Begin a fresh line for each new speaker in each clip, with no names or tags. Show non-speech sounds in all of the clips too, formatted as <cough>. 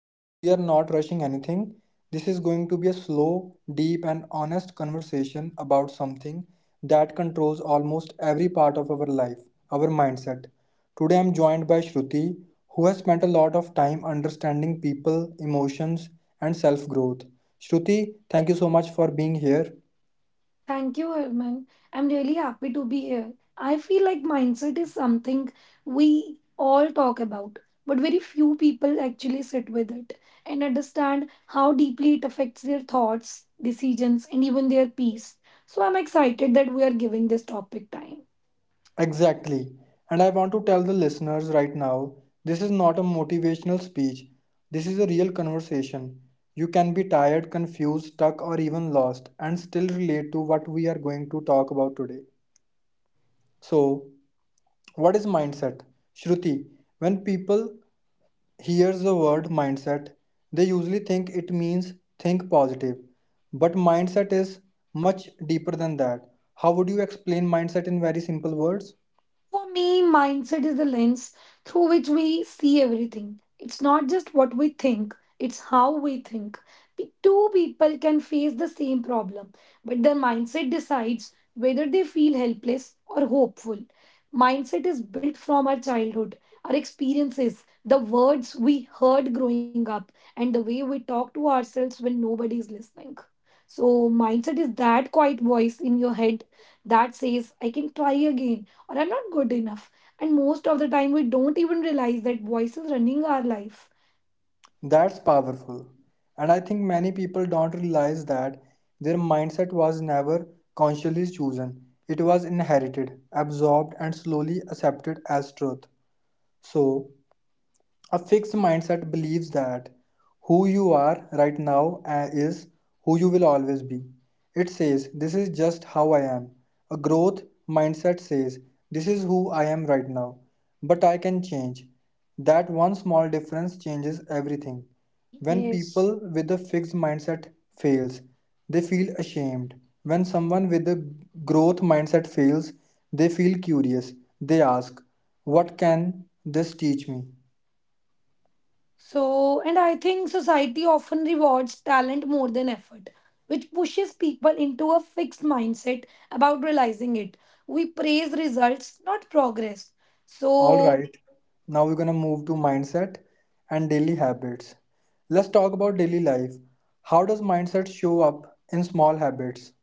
because we are not rushing anything. This is going to be a slow, deep, and honest conversation about something that controls almost every part of our life our mindset. Today, I'm joined by Shruti, who has spent a lot of time understanding people, emotions, and self growth. Shruti, thank you so much for being here.
Thank you, Herman. I'm really happy to be here. I feel like mindset is something we all talk about, but very few people actually sit with it and understand how deeply it affects their thoughts, decisions, and even their peace. So I'm excited that we are giving this topic time.
Exactly. And I want to tell the listeners right now this is not a motivational speech. This is a real conversation. You can be tired, confused, stuck, or even lost and still relate to what we are going to talk about today. So, what is mindset? Shruti, when people hears the word mindset, they usually think it means think positive. But mindset is much deeper than that. How would you explain mindset in very simple words?
For me, mindset is the lens through which we see everything. It's not just what we think, it's how we think. Two people can face the same problem, but their mindset decides whether they feel helpless or hopeful. Mindset is built from our childhood, our experiences, the words we heard growing up, and the way we talk to ourselves when nobody is listening. So, mindset is that quiet voice in your head that says, I can try again or are not good enough. And most of the time, we don't even realize that voice is running our life.
That's powerful. And I think many people don't realize that their mindset was never consciously chosen. It was inherited, absorbed, and slowly accepted as truth. So, a fixed mindset believes that who you are right now is who you will always be. It says, this is just how I am. A growth mindset says, this is who I am right now, but I can change. That one small difference changes everything. When
Yes.
people with a fixed mindset fails, they feel ashamed. When someone with a growth mindset fails, they feel curious. They ask, what can this teach me?
So, and I think society often rewards talent more than effort, which pushes people into a fixed mindset about realizing it. We praise results, not progress.
All
So,
right, now we're gonna move to mindset and daily habits. Let's talk about daily life. How does mindset show up in small habits?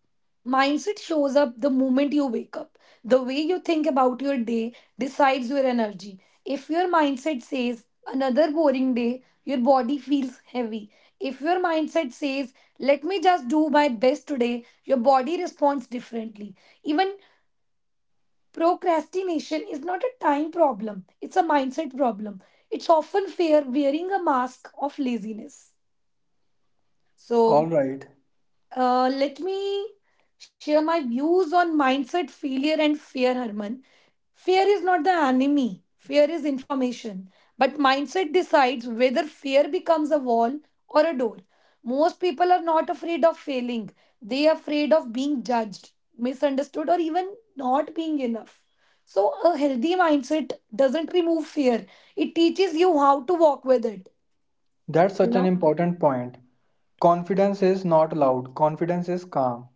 mindset shows up the moment you wake up. The way you think about your day decides your energy. If your mindset says, another boring day, your body feels heavy. If your mindset says, let me just do my best today, your body responds differently. Even procrastination is not a time problem, it's a mindset problem. It's often fear wearing a mask of laziness. So,
All right,
Let me share my views on mindset, failure, and fear, Harman. Fear is not the enemy, fear is information. But mindset decides whether fear becomes a wall or a door. Most people are not afraid of failing, they are afraid of being judged, misunderstood, or even not being enough. So, a healthy mindset doesn't remove fear, it teaches you how to walk with it.
that's
You
such an
know.
important point. Confidence is not loud, confidence is calm.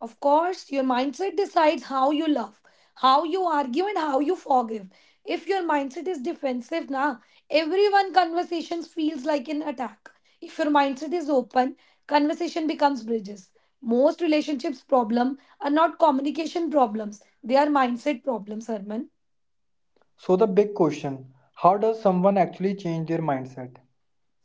Of course, your mindset decides how you love, how you argue, and how you forgive. If your mindset is defensive, na everyone conversations feels like an attack. If your mindset is open, conversation becomes bridges. Most relationships problem are not communication problems; they are mindset problems, Herman.
So, the big question how does someone actually change their mindset?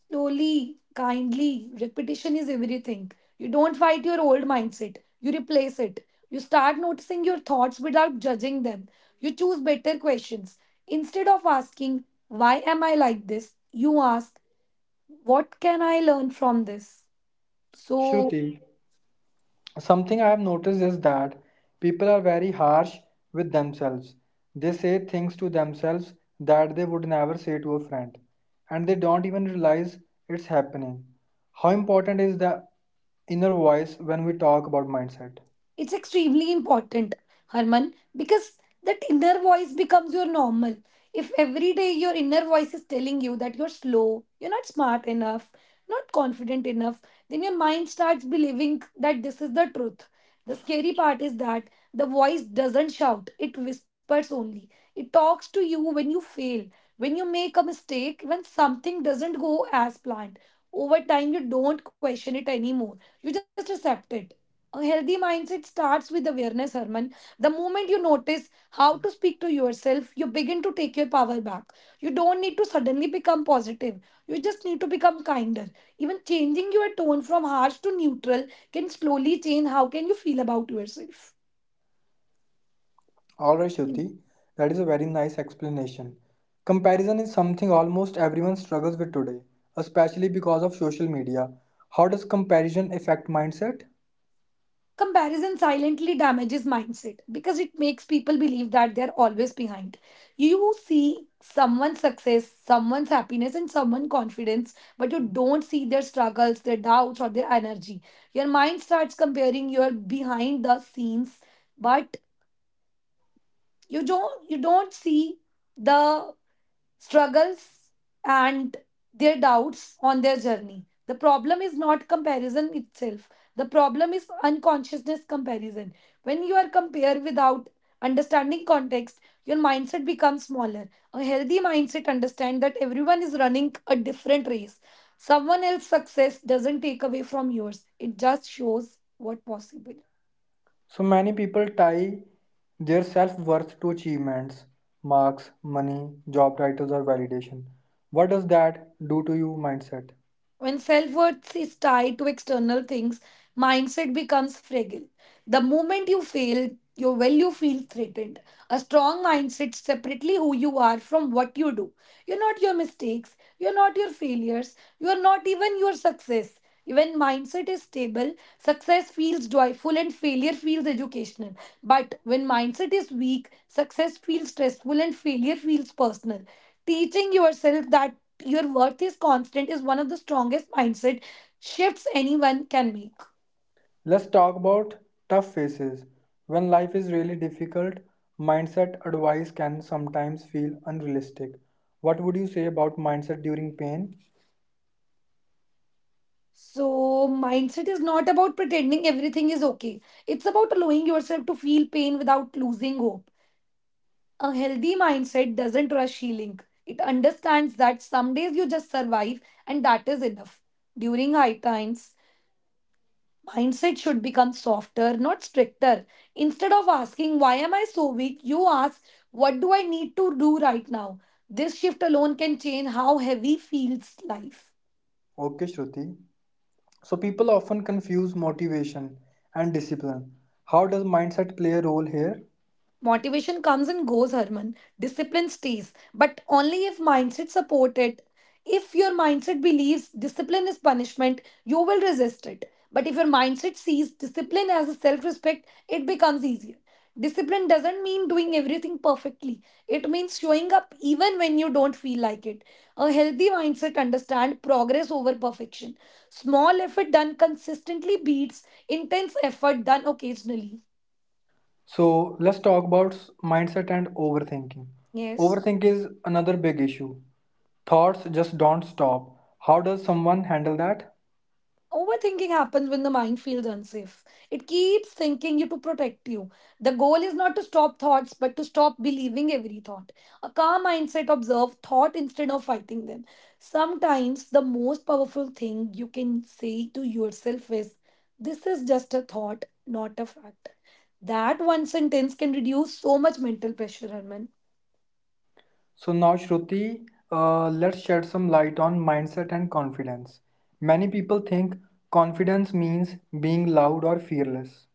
Slowly, kindly. Repetition is everything. You don't fight your old mindset, you replace it. You start noticing your thoughts without judging them. You choose better questions. Instead of asking, why am I like this? You ask, what can I learn from this? So,
Shruti, something I have noticed is that people are very harsh with themselves. They say things to themselves that they would never say to a friend, and they don't even realize it's happening. How important is the inner voice when we talk about mindset?
it's extremely important, Harman, because that inner voice becomes your normal. If every day your inner voice is telling you that you're slow, you're not smart enough, not confident enough, then your mind starts believing that this is the truth. The scary part is that the voice doesn't shout, it whispers only. It talks to you when you fail, when you make a mistake, when something doesn't go as planned. Over time, you don't question it anymore, you just accept it. A healthy mindset starts with awareness, Herman. The moment you notice how to speak to yourself, you begin to take your power back. You don't need to suddenly become positive. You just need to become kinder. Even changing your tone from harsh to neutral can slowly change how can you feel about yourself.
Alright, Shruti, that is a very nice explanation. Comparison is something almost everyone struggles with today, especially because of social media. How does comparison affect mindset?
Comparison silently damages mindset because it makes people believe that they're always behind. You see someone's success, someone's happiness, and someone's confidence, but you don't see their struggles, their doubts, or their energy. Your mind starts comparing your behind the scenes, but you don't see the struggles and their doubts on their journey. The problem is not comparison itself. The problem is unconsciousness comparison. When you are compared without understanding context, your mindset becomes smaller. A healthy mindset understands that everyone is running a different race. Someone else's success doesn't take away from yours. It just shows what possible.
So many people tie their self worth to achievements, marks, money, job titles, or validation. What does that do to your mindset?
When self worth is tied to external things, mindset becomes fragile. The moment you fail, your value feels threatened. A strong mindset separately who you are from what you do. You're not your mistakes, you're not your failures, you're not even your success. When mindset is stable, success feels joyful and failure feels educational. But when mindset is weak, success feels stressful and failure feels personal. Teaching yourself that your worth is constant is one of the strongest mindset shifts anyone can make.
Let's talk about tough phases. When life is really difficult, mindset advice can sometimes feel unrealistic. What would you say about mindset during pain?
So, mindset is not about pretending everything is okay. It's about allowing yourself to feel pain without losing hope. A healthy mindset doesn't rush healing. It understands that some days you just survive and that is enough. During high times, mindset should become softer, not stricter. Instead of asking, why am I so weak, you ask, what do I need to do right now? This shift alone can change how heavy feels life.
Okay, Shruti. So people often confuse motivation and discipline. How does mindset play a role here?
Motivation comes and goes, Harman. Discipline stays, but only if mindset support it. If your mindset believes discipline is punishment, you will resist it. But if your mindset sees discipline as a self-respect, it becomes easier. Discipline doesn't mean doing everything perfectly. It means showing up even when you don't feel like it. A healthy mindset understands progress over perfection. Small effort done consistently beats intense effort done occasionally.
So let's talk about mindset and overthinking.
Yes.
Overthink is another big issue. Thoughts just don't stop. How does someone handle that?
Overthinking happens when the mind feels unsafe. It keeps thinking you to protect you. The goal is not to stop thoughts, but to stop believing every thought. A calm mindset observes thought instead of fighting them. Sometimes the most powerful thing you can say to yourself is, this is just a thought, not a fact. That one sentence can reduce so much mental pressure, Arman.
So now, Shruti, let's shed some light on mindset and confidence. Many people think confidence means being loud or fearless.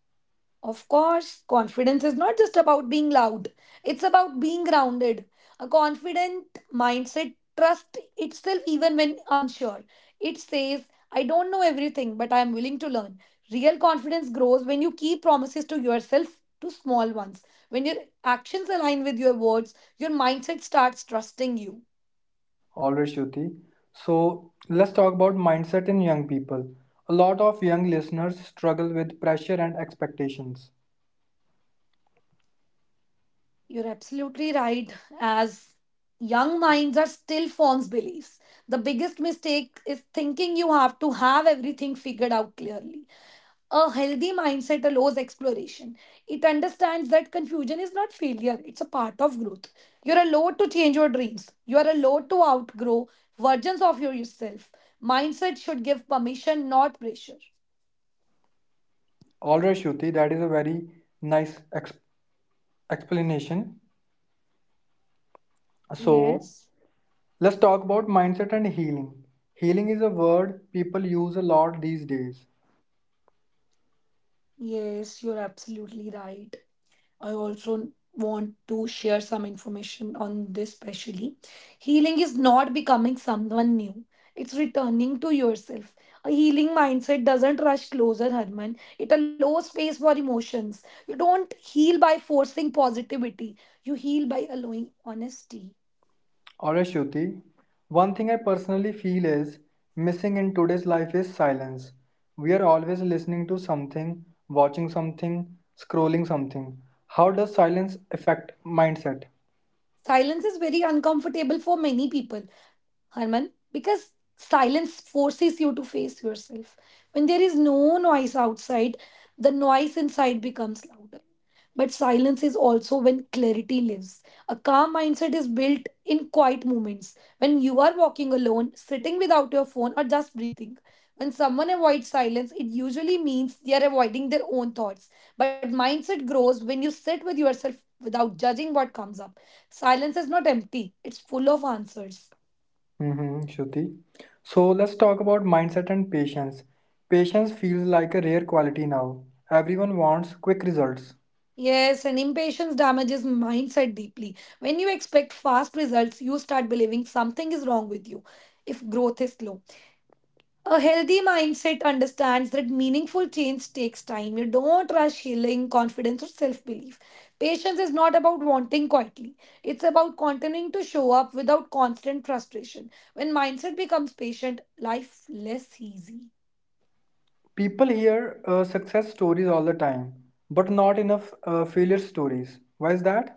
Of course, confidence is not just about being loud, it's about being grounded. A confident mindset trusts itself even when unsure. It says, I don't know everything, but I am willing to learn. Real confidence grows when you keep promises to yourself to small ones. When your actions align with your words, your mindset starts trusting you.
Always, Shruti. So let's talk about mindset in young people. A lot of young listeners struggle with pressure and expectations.
You're absolutely right. As young minds are still forms beliefs. The biggest mistake is thinking you have to have everything figured out clearly. A healthy mindset allows exploration. It understands that confusion is not failure, it's a part of growth. You're allowed to change your dreams, you're allowed to outgrow versions of yourself. Mindset should give permission, not pressure.
Alright, Shruti, that is a very nice exp- explanation. So
Yes,
let's talk about mindset and healing. Healing is a word people use a lot these days.
yes, you're absolutely right. I also want to share some information on this, specially. Healing is not becoming someone new, it's returning to yourself. A healing mindset doesn't rush closer, Harman. It allows space for emotions. You don't heal by forcing positivity, you heal by allowing honesty.
Alright, Shruti. One thing I personally feel is missing in today's life is silence. We are always listening to something, watching something, scrolling something. How does silence affect mindset?
Silence is very uncomfortable for many people, Harman, because silence forces you to face yourself. When there is no noise outside, the noise inside becomes louder. But silence is also when clarity lives. A calm mindset is built in quiet moments. When you are walking alone, sitting without your phone, or just breathing. When someone avoids silence, it usually means they are avoiding their own thoughts. But mindset grows when you sit with yourself without judging what comes up. Silence is not empty, it's full of answers.
Mm-hmm, Shruti. So let's talk about mindset and patience. Patience feels like a rare quality now. Everyone wants quick results.
Yes, and impatience damages mindset deeply. When you expect fast results, you start believing something is wrong with you if growth is slow. A healthy mindset understands that meaningful change takes time. You don't rush healing, confidence, or self belief. Patience is not about wanting quietly, it's about continuing to show up without constant frustration. When mindset becomes patient, life less easy.
People hear success stories all the time, but not enough failure stories. Why is that?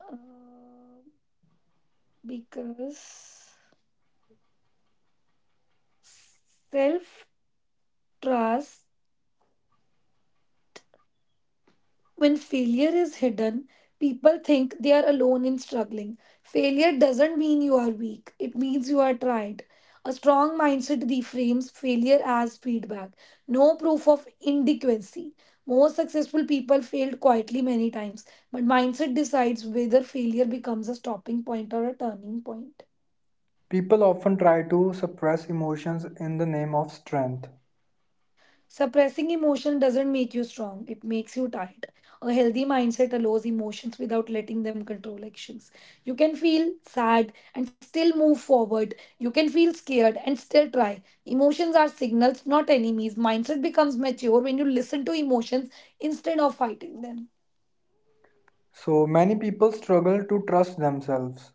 Uh, because self trust, when failure is hidden, people think they are alone in struggling. Failure doesn't mean you are weak, it means you are tried. A strong mindset reframes failure as feedback, no proof of inadequacy. Most successful people failed quietly many times, but mindset decides whether failure becomes a stopping point or a turning point.
People often try to suppress emotions in the name of strength.
Suppressing emotion doesn't make you strong, it makes you tired. A healthy mindset allows emotions without letting them control actions. You can feel sad and still move forward. You can feel scared and still try. Emotions are signals, not enemies. Mindset becomes mature when you listen to emotions instead of fighting them.
So many people struggle to trust themselves.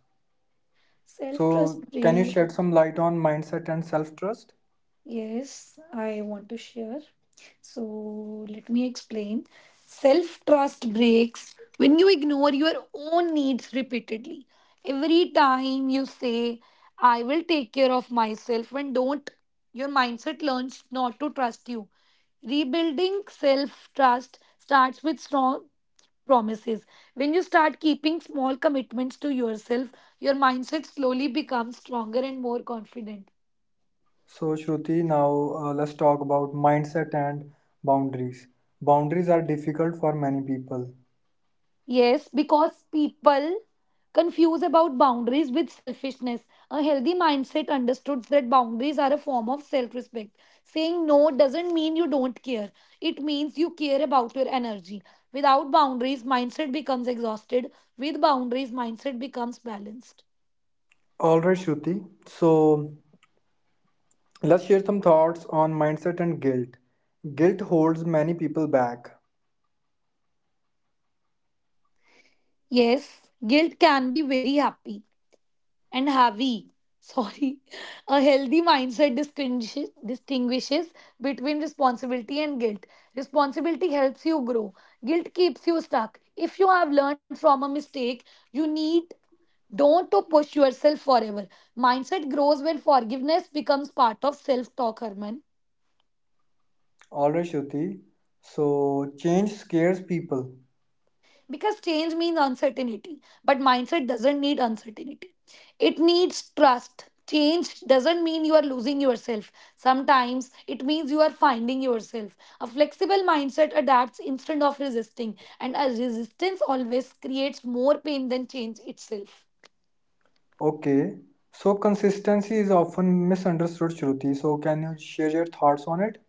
Self trust,
So, can you shed some light on mindset and self trust?
yes, I want to share. So let me explain. Self trust breaks when you ignore your own needs repeatedly. Every time you say, I will take care of myself, when don't, your mindset learns not to trust you. Rebuilding self trust starts with strong promises. When you start keeping small commitments to yourself, your mindset slowly becomes stronger and more confident.
So, Shruti, now let's talk about mindset and boundaries. Boundaries are difficult for many people.
Yes, because people confuse about boundaries with selfishness. A healthy mindset understood that boundaries are a form of self-respect. Saying no doesn't mean you don't care. It means you care about your energy. Without boundaries, mindset becomes exhausted. With boundaries, mindset becomes balanced.
All right, Shruti. So, let's share some thoughts on mindset and guilt. Guilt holds many people back.
Yes, guilt can be very happy and heavy. Sorry. <laughs> A healthy mindset distinguishes between responsibility and guilt. Responsibility helps you grow, guilt keeps you stuck. If you have learned from a mistake, you need don't to push yourself forever. Mindset grows when forgiveness becomes part of self talk, Herman.
Alright, Shruti. So, change scares people.
Because change means uncertainty, but mindset doesn't need uncertainty, it needs trust. Change doesn't mean you are losing yourself. Sometimes it means you are finding yourself. A flexible mindset adapts instead of resisting, and a resistance always creates more pain than change itself.
Okay. So, consistency is often misunderstood, Shruti. So, can you share your thoughts on it?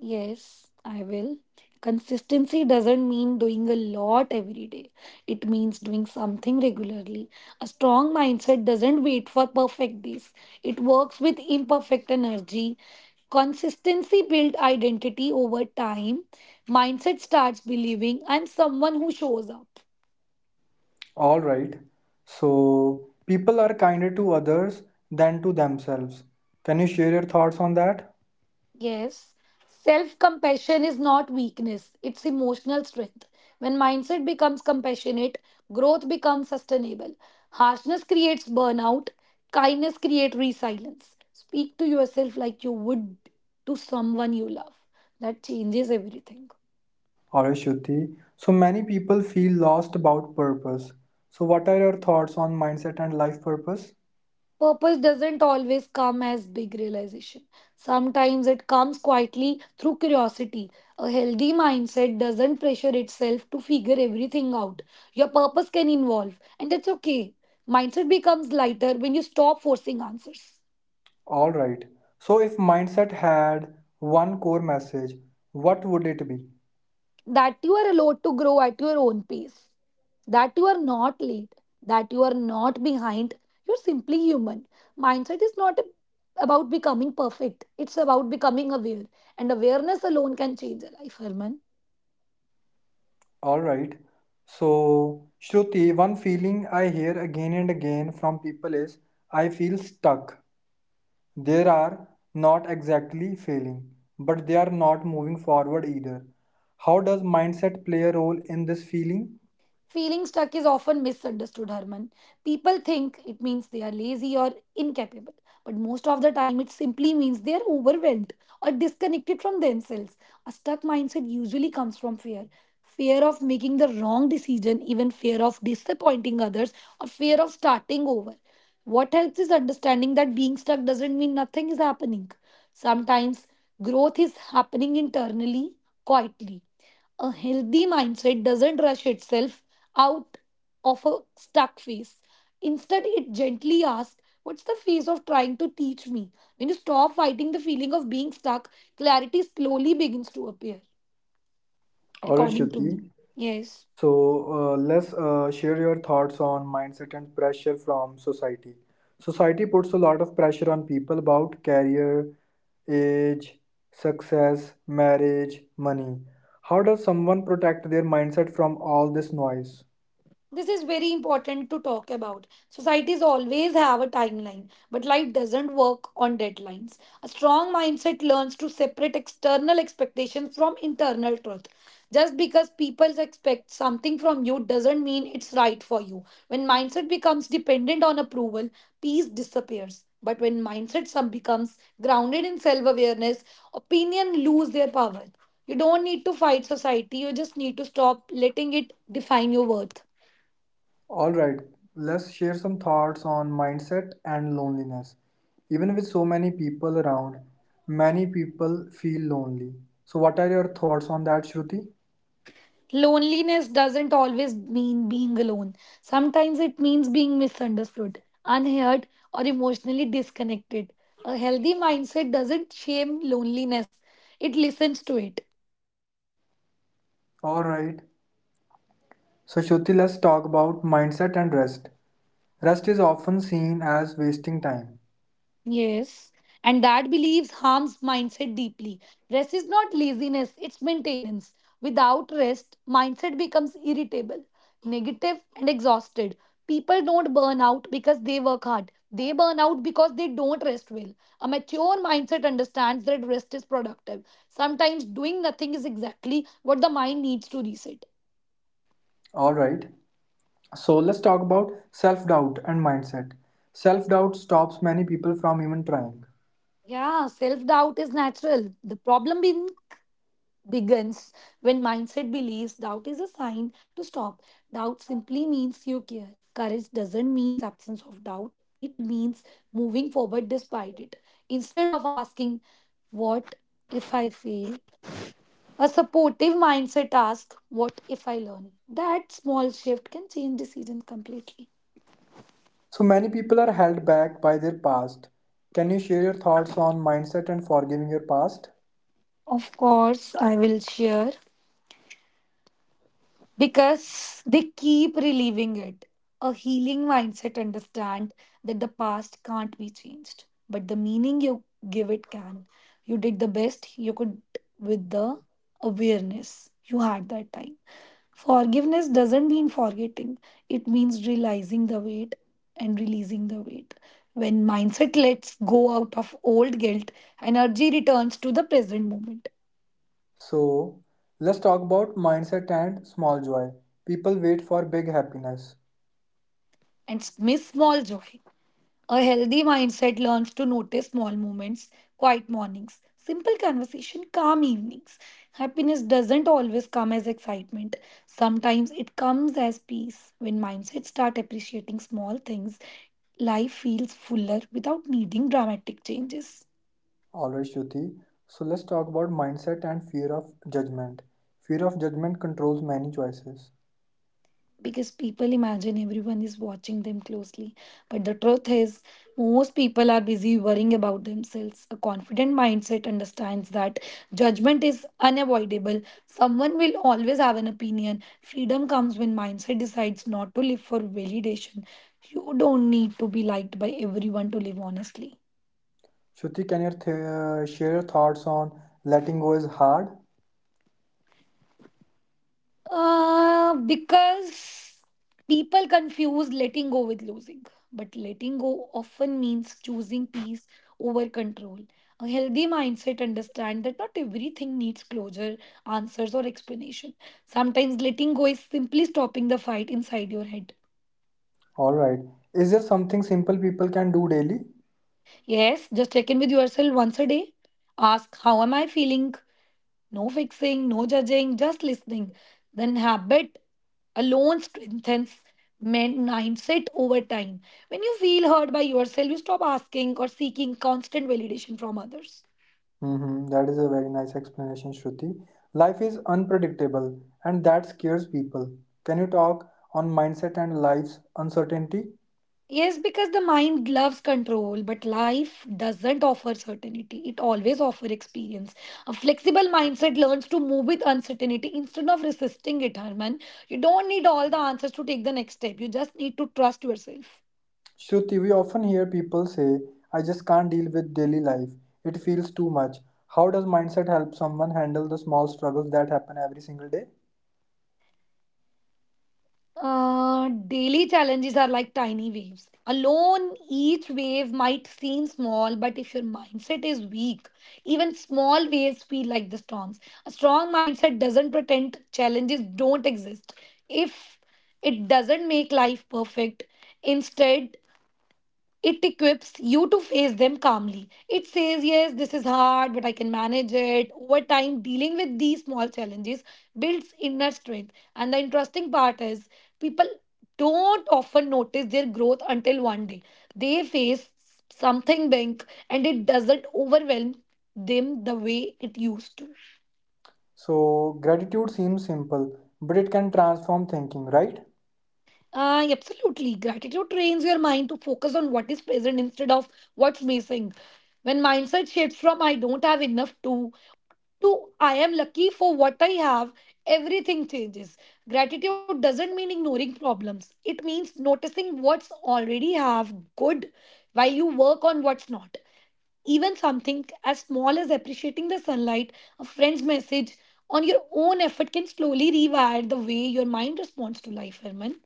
Yes, I will. Consistency doesn't mean doing a lot every day. It means doing something regularly. A strong mindset doesn't wait for perfect days. It works with imperfect energy. Consistency builds identity over time. Mindset starts believing I'm someone who shows up.
Alright. So, people are kinder to others than to themselves. Can you share your thoughts on that?
Yes, self compassion is not weakness, it's emotional strength. When mindset becomes compassionate, growth becomes sustainable. Harshness creates burnout, kindness creates resilience. Speak to yourself like you would to someone you love. That changes everything.
Alright, Shruti. So, many people feel lost about purpose. So, what are your thoughts on mindset and life purpose?
Purpose doesn't always come as big realization. Sometimes it comes quietly through curiosity. A healthy mindset doesn't pressure itself to figure everything out. Your purpose can evolve, and that's okay. Mindset becomes lighter when you stop forcing answers.
All right. So, if mindset had one core message, what would it be?
That you are allowed to grow at your own pace, that you are not late, that you are not behind. You're simply human. Mindset is not about becoming perfect, it's about becoming aware. And awareness alone can change a life, Herman.
All right. So, Shruti, one feeling I hear again and again from people is I feel stuck. They are not exactly failing, but they are not moving forward either. How does mindset play a role in this feeling?
Feeling stuck is often misunderstood, Herman. People think it means they are lazy or incapable, but most of the time it simply means they are overwhelmed or disconnected from themselves. A stuck mindset usually comes from fear, fear of making the wrong decision, even fear of disappointing others, or fear of starting over. What helps is understanding that being stuck doesn't mean nothing is happening. Sometimes growth is happening internally, quietly. A healthy mindset doesn't rush itself out of a stuck phase. Instead, it gently asks, "What's the phase of trying to teach me?" When you stop fighting the feeling of being stuck, clarity slowly begins to appear,
All right,
according to
Shruti.
me. Yes.
So let's share your thoughts on mindset and pressure from society. Society puts a lot of pressure on people about career, age, success, marriage, money. How does someone protect their mindset from all this noise?
This is very important to talk about. Societies always have a timeline, but life doesn't work on deadlines. A strong mindset learns to separate external expectations from internal truth. Just because people expect something from you doesn't mean it's right for you. When mindset becomes dependent on approval, peace disappears, but when mindset some becomes grounded in self awareness, opinion lose their power. You don't need to fight society, you just need to stop letting it define your worth.
All right, let's share some thoughts on mindset and loneliness. Even with so many people around, many people feel lonely. So, what are your thoughts on that, Shruti?
Loneliness doesn't always mean being alone. Sometimes it means being misunderstood, unheard, or emotionally disconnected. A healthy mindset doesn't shame loneliness, it listens to it.
All right. So, Shruti, let's talk about mindset and rest. Rest is often seen as wasting time.
Yes, and that beliefs harms mindset deeply. Rest is not laziness, it's maintenance. Without rest, mindset becomes irritable, negative, and exhausted. People don't burn out because they work hard. They burn out because they don't rest well. A mature mindset understands that rest is productive. Sometimes doing nothing is exactly what the mind needs to reset.
All right. So, let's talk about self doubt and mindset. Self doubt stops many people from even trying.
Yeah, self doubt is natural. The problem in begins when mindset believes doubt is a sign to stop. Doubt simply means you care. Courage doesn't mean absence of doubt. It means moving forward despite it. Instead of asking, "What if I fail?" a supportive mindset asks, "What if I learn?" That small shift can change decisions completely.
So, many people are held back by their past. Can you share your thoughts on mindset and forgiving your past?
Of course, I will share. Because they keep reliving it. A healing mindset understand that the past can't be changed, but the meaning you give it can. You did the best you could with the awareness you had that time. Forgiveness doesn't mean forgetting. It means realizing the weight and releasing the weight. When mindset lets go out of old guilt, energy returns to the present moment
So, let's talk about mindset and small joy. People wait for big happiness.
and miss small joy. A healthy mindset learns to notice small moments, quiet mornings, simple conversation, calm evenings. Happiness doesn't always come as excitement. Sometimes it comes as peace. When mindsets start appreciating small things, life feels fuller without needing dramatic changes.
Alright, Shruti. So let's talk about mindset and fear of judgment. Fear of judgment controls many choices.
Because people imagine everyone is watching them closely. But the truth is, most people are busy worrying about themselves. A confident mindset understands that judgment is unavoidable. Someone will always have an opinion. Freedom comes when mindset decides not to live for validation. You don't need to be liked by everyone to live honestly.
Shruti, can you share your thoughts on letting go is hard?
Because people confuse letting go with losing. But letting go often means choosing peace over control. A healthy mindset understands that not everything needs closure, answers, or explanation. Sometimes letting go is simply stopping the fight inside your head.
Alright. Is there something simple people can do daily?
Yes, just check in with yourself once a day. Ask, "How am I feeling?" No fixing, no judging, just listening. Then habit alone strengthens men mindset over time. When you feel heard by yourself, you stop asking or seeking constant validation from others.
Mm-hmm. That is a very nice explanation, Shruti. Life is unpredictable and that scares people. Can you talk on mindset and life's uncertainty?
Yes, because the mind loves control, but life doesn't offer certainty. It always offers experience. A flexible mindset learns to move with uncertainty instead of resisting it, Herman. You don't need all the answers to take the next step. You just need to trust yourself.
Shruti, we often hear people say, I just can't deal with daily life. It feels too much. How does mindset help someone handle the small struggles that happen every single day?
Daily challenges are like tiny waves. Alone, each wave might seem small, but if your mindset is weak, even small waves feel like the storms. A strong mindset doesn't pretend challenges don't exist. If it doesn't make life perfect, instead, it equips you to face them calmly. It says, yes, this is hard, but I can manage it. Over time, dealing with these small challenges builds inner strength. And the interesting part is, people don't often notice their growth until one day they face something big and it doesn't overwhelm them the way it used to.
So, gratitude seems simple, but it can transform thinking, right?
Absolutely. Gratitude trains your mind to focus on what is present instead of what's missing. When mindset shifts from I don't have enough to I am lucky for what I have, everything changes. Gratitude doesn't mean ignoring problems. It means noticing what's already have good while you work on what's not. Even something as small as appreciating the sunlight, a friend's message on your own effort can slowly rewire the way your mind responds to life, Herman.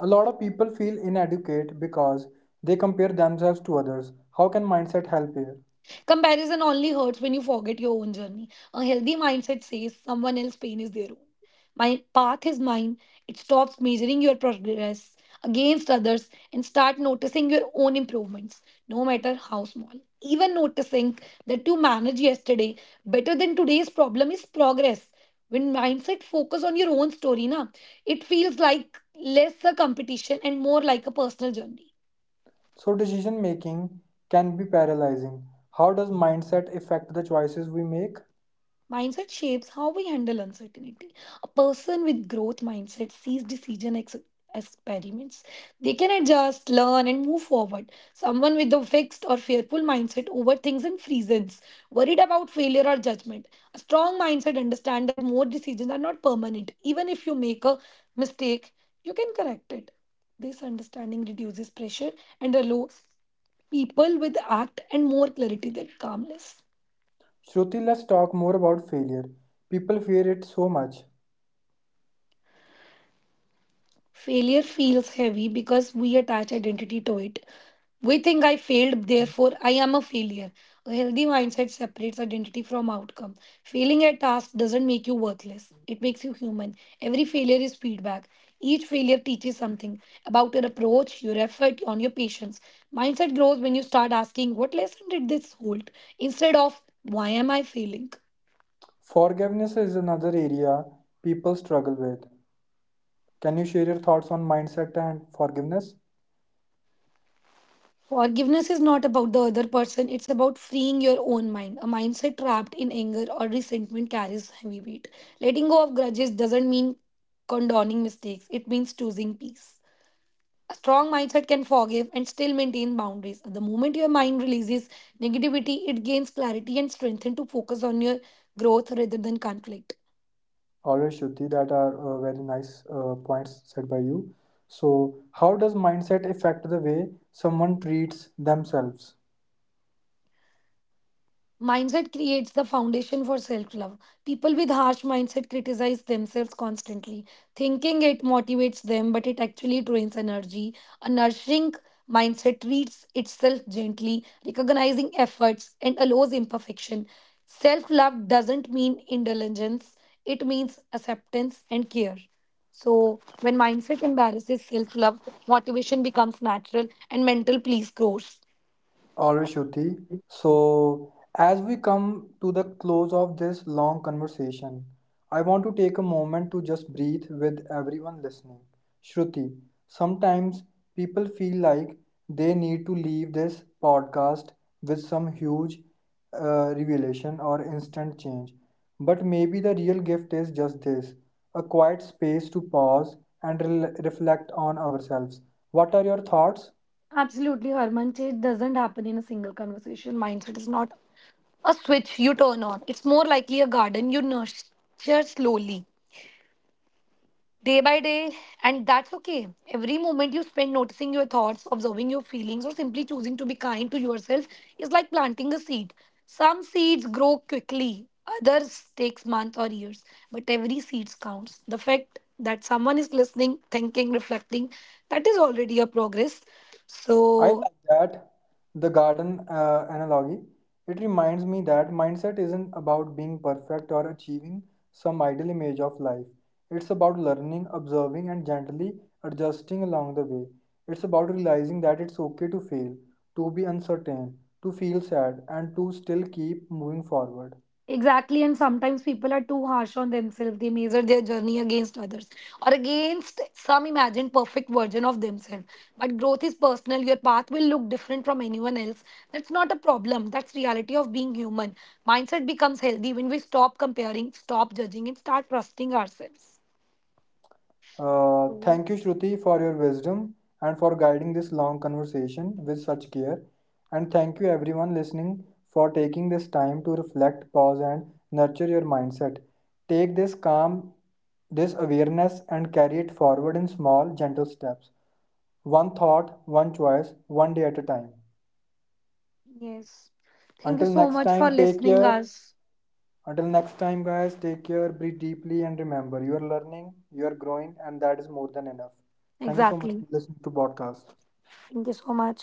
A lot of people feel inadequate because they compare themselves to others. How can mindset help here?
Comparison only hurts when you forget your own journey. A healthy mindset says someone else's pain is their own. My path is mine. It stops measuring your progress against others and start noticing your own improvements, no matter how small. Even noticing that you managed yesterday better than today's problem is progress. When mindset focus on your own story, na, it feels like less a competition and more like a personal journey.
So, decision making can be paralyzing. How does mindset affect the choices we make?
Mindset shapes how we handle uncertainty. A person with growth mindset sees experiments. They can adjust, learn, and move forward. Someone with a fixed or fearful mindset overthinks and freezes, worried about failure or judgment. A strong mindset understands that more decisions are not permanent. Even if you make a mistake, you can correct it. This understanding reduces pressure and allows people with act and more clarity than calmness.
Shruti, let's talk more about failure. People fear it so much.
Failure feels heavy because we attach identity to it. We think I failed, therefore I am a failure. A healthy mindset separates identity from outcome. Failing at task doesn't make you worthless, it makes you human. Every failure is feedback. Each failure teaches something about your approach, your effort, on your patience. Mindset grows when you start asking, "What lesson did this hold?" instead of, "Why am I failing?"
Forgiveness is another area people struggle with. Can you share your thoughts on mindset and forgiveness?
Forgiveness is not about the other person, it's about freeing your own mind. A mindset trapped in anger or resentment carries heavy weight. Letting go of grudges doesn't mean condoning mistakes, it means choosing peace. A strong mindset can forgive and still maintain boundaries. The moment your mind releases negativity, it gains clarity and strength to focus on your growth rather than conflict.
Alright, Shruti, that are very nice points said by you. So, how does mindset affect the way someone treats themselves?
Mindset creates the foundation for self love. People with harsh mindset criticize themselves constantly, thinking it motivates them, but it actually drains energy. A nourishing mindset treats itself gently, recognizing efforts, and allows imperfection. Self love doesn't mean indulgence, it means acceptance and care. So, when mindset embarrasses self love, motivation becomes natural and mental peace grows.
All right, Shruti. So, as we come to the close of this long conversation, I want to take a moment to just breathe with everyone listening. Shruti, sometimes people feel like they need to leave this podcast with some huge revelation or instant change. But maybe the real gift is just this a quiet space to pause and rel reflect on ourselves. What are your thoughts?
Absolutely, Harman. Change doesn't happen in a single conversation. Mindset is not a switch you turn on. It's more likely a garden you nurture slowly, day by day, and that's okay. Every moment you spend noticing your thoughts, observing your feelings, or simply choosing to be kind to yourself is like planting a seed. Some seeds grow quickly, others takes months or years, but every seed counts. The fact that someone is listening, thinking, reflecting, that is already a progress.
I like
So.
that, the garden analogy. It reminds me that mindset isn't about being perfect or achieving some ideal image of life. It's about learning, observing, and gently adjusting along the way. It's about realizing that it's okay to fail, to be uncertain, to feel sad, and to still keep moving forward.
Exactly, and sometimes people are too harsh on themselves. They measure their journey against others or against some imagined perfect version of themselves. But growth is personal. Your path will look different from anyone else. That's not a problem. That's reality of being human. Mindset becomes healthy when we stop comparing, stop judging, and start trusting ourselves. So
Thank you, Shruti, for your wisdom and for guiding this long conversation with such care. And thank you, everyone listening, for taking this time to reflect, pause, and nurture your mindset. Take this calm, this awareness, and carry it forward in small, gentle steps. One thought, one choice, one day at a time.
yes, thank you
Until
so
next
much for
time, take
listening
care.
us.
Until next time, guys, take care, breathe deeply, and remember you are learning, you are growing, and that is more than enough. Thank you so much
Exactly.
for listening to podcast.
Thank you so much.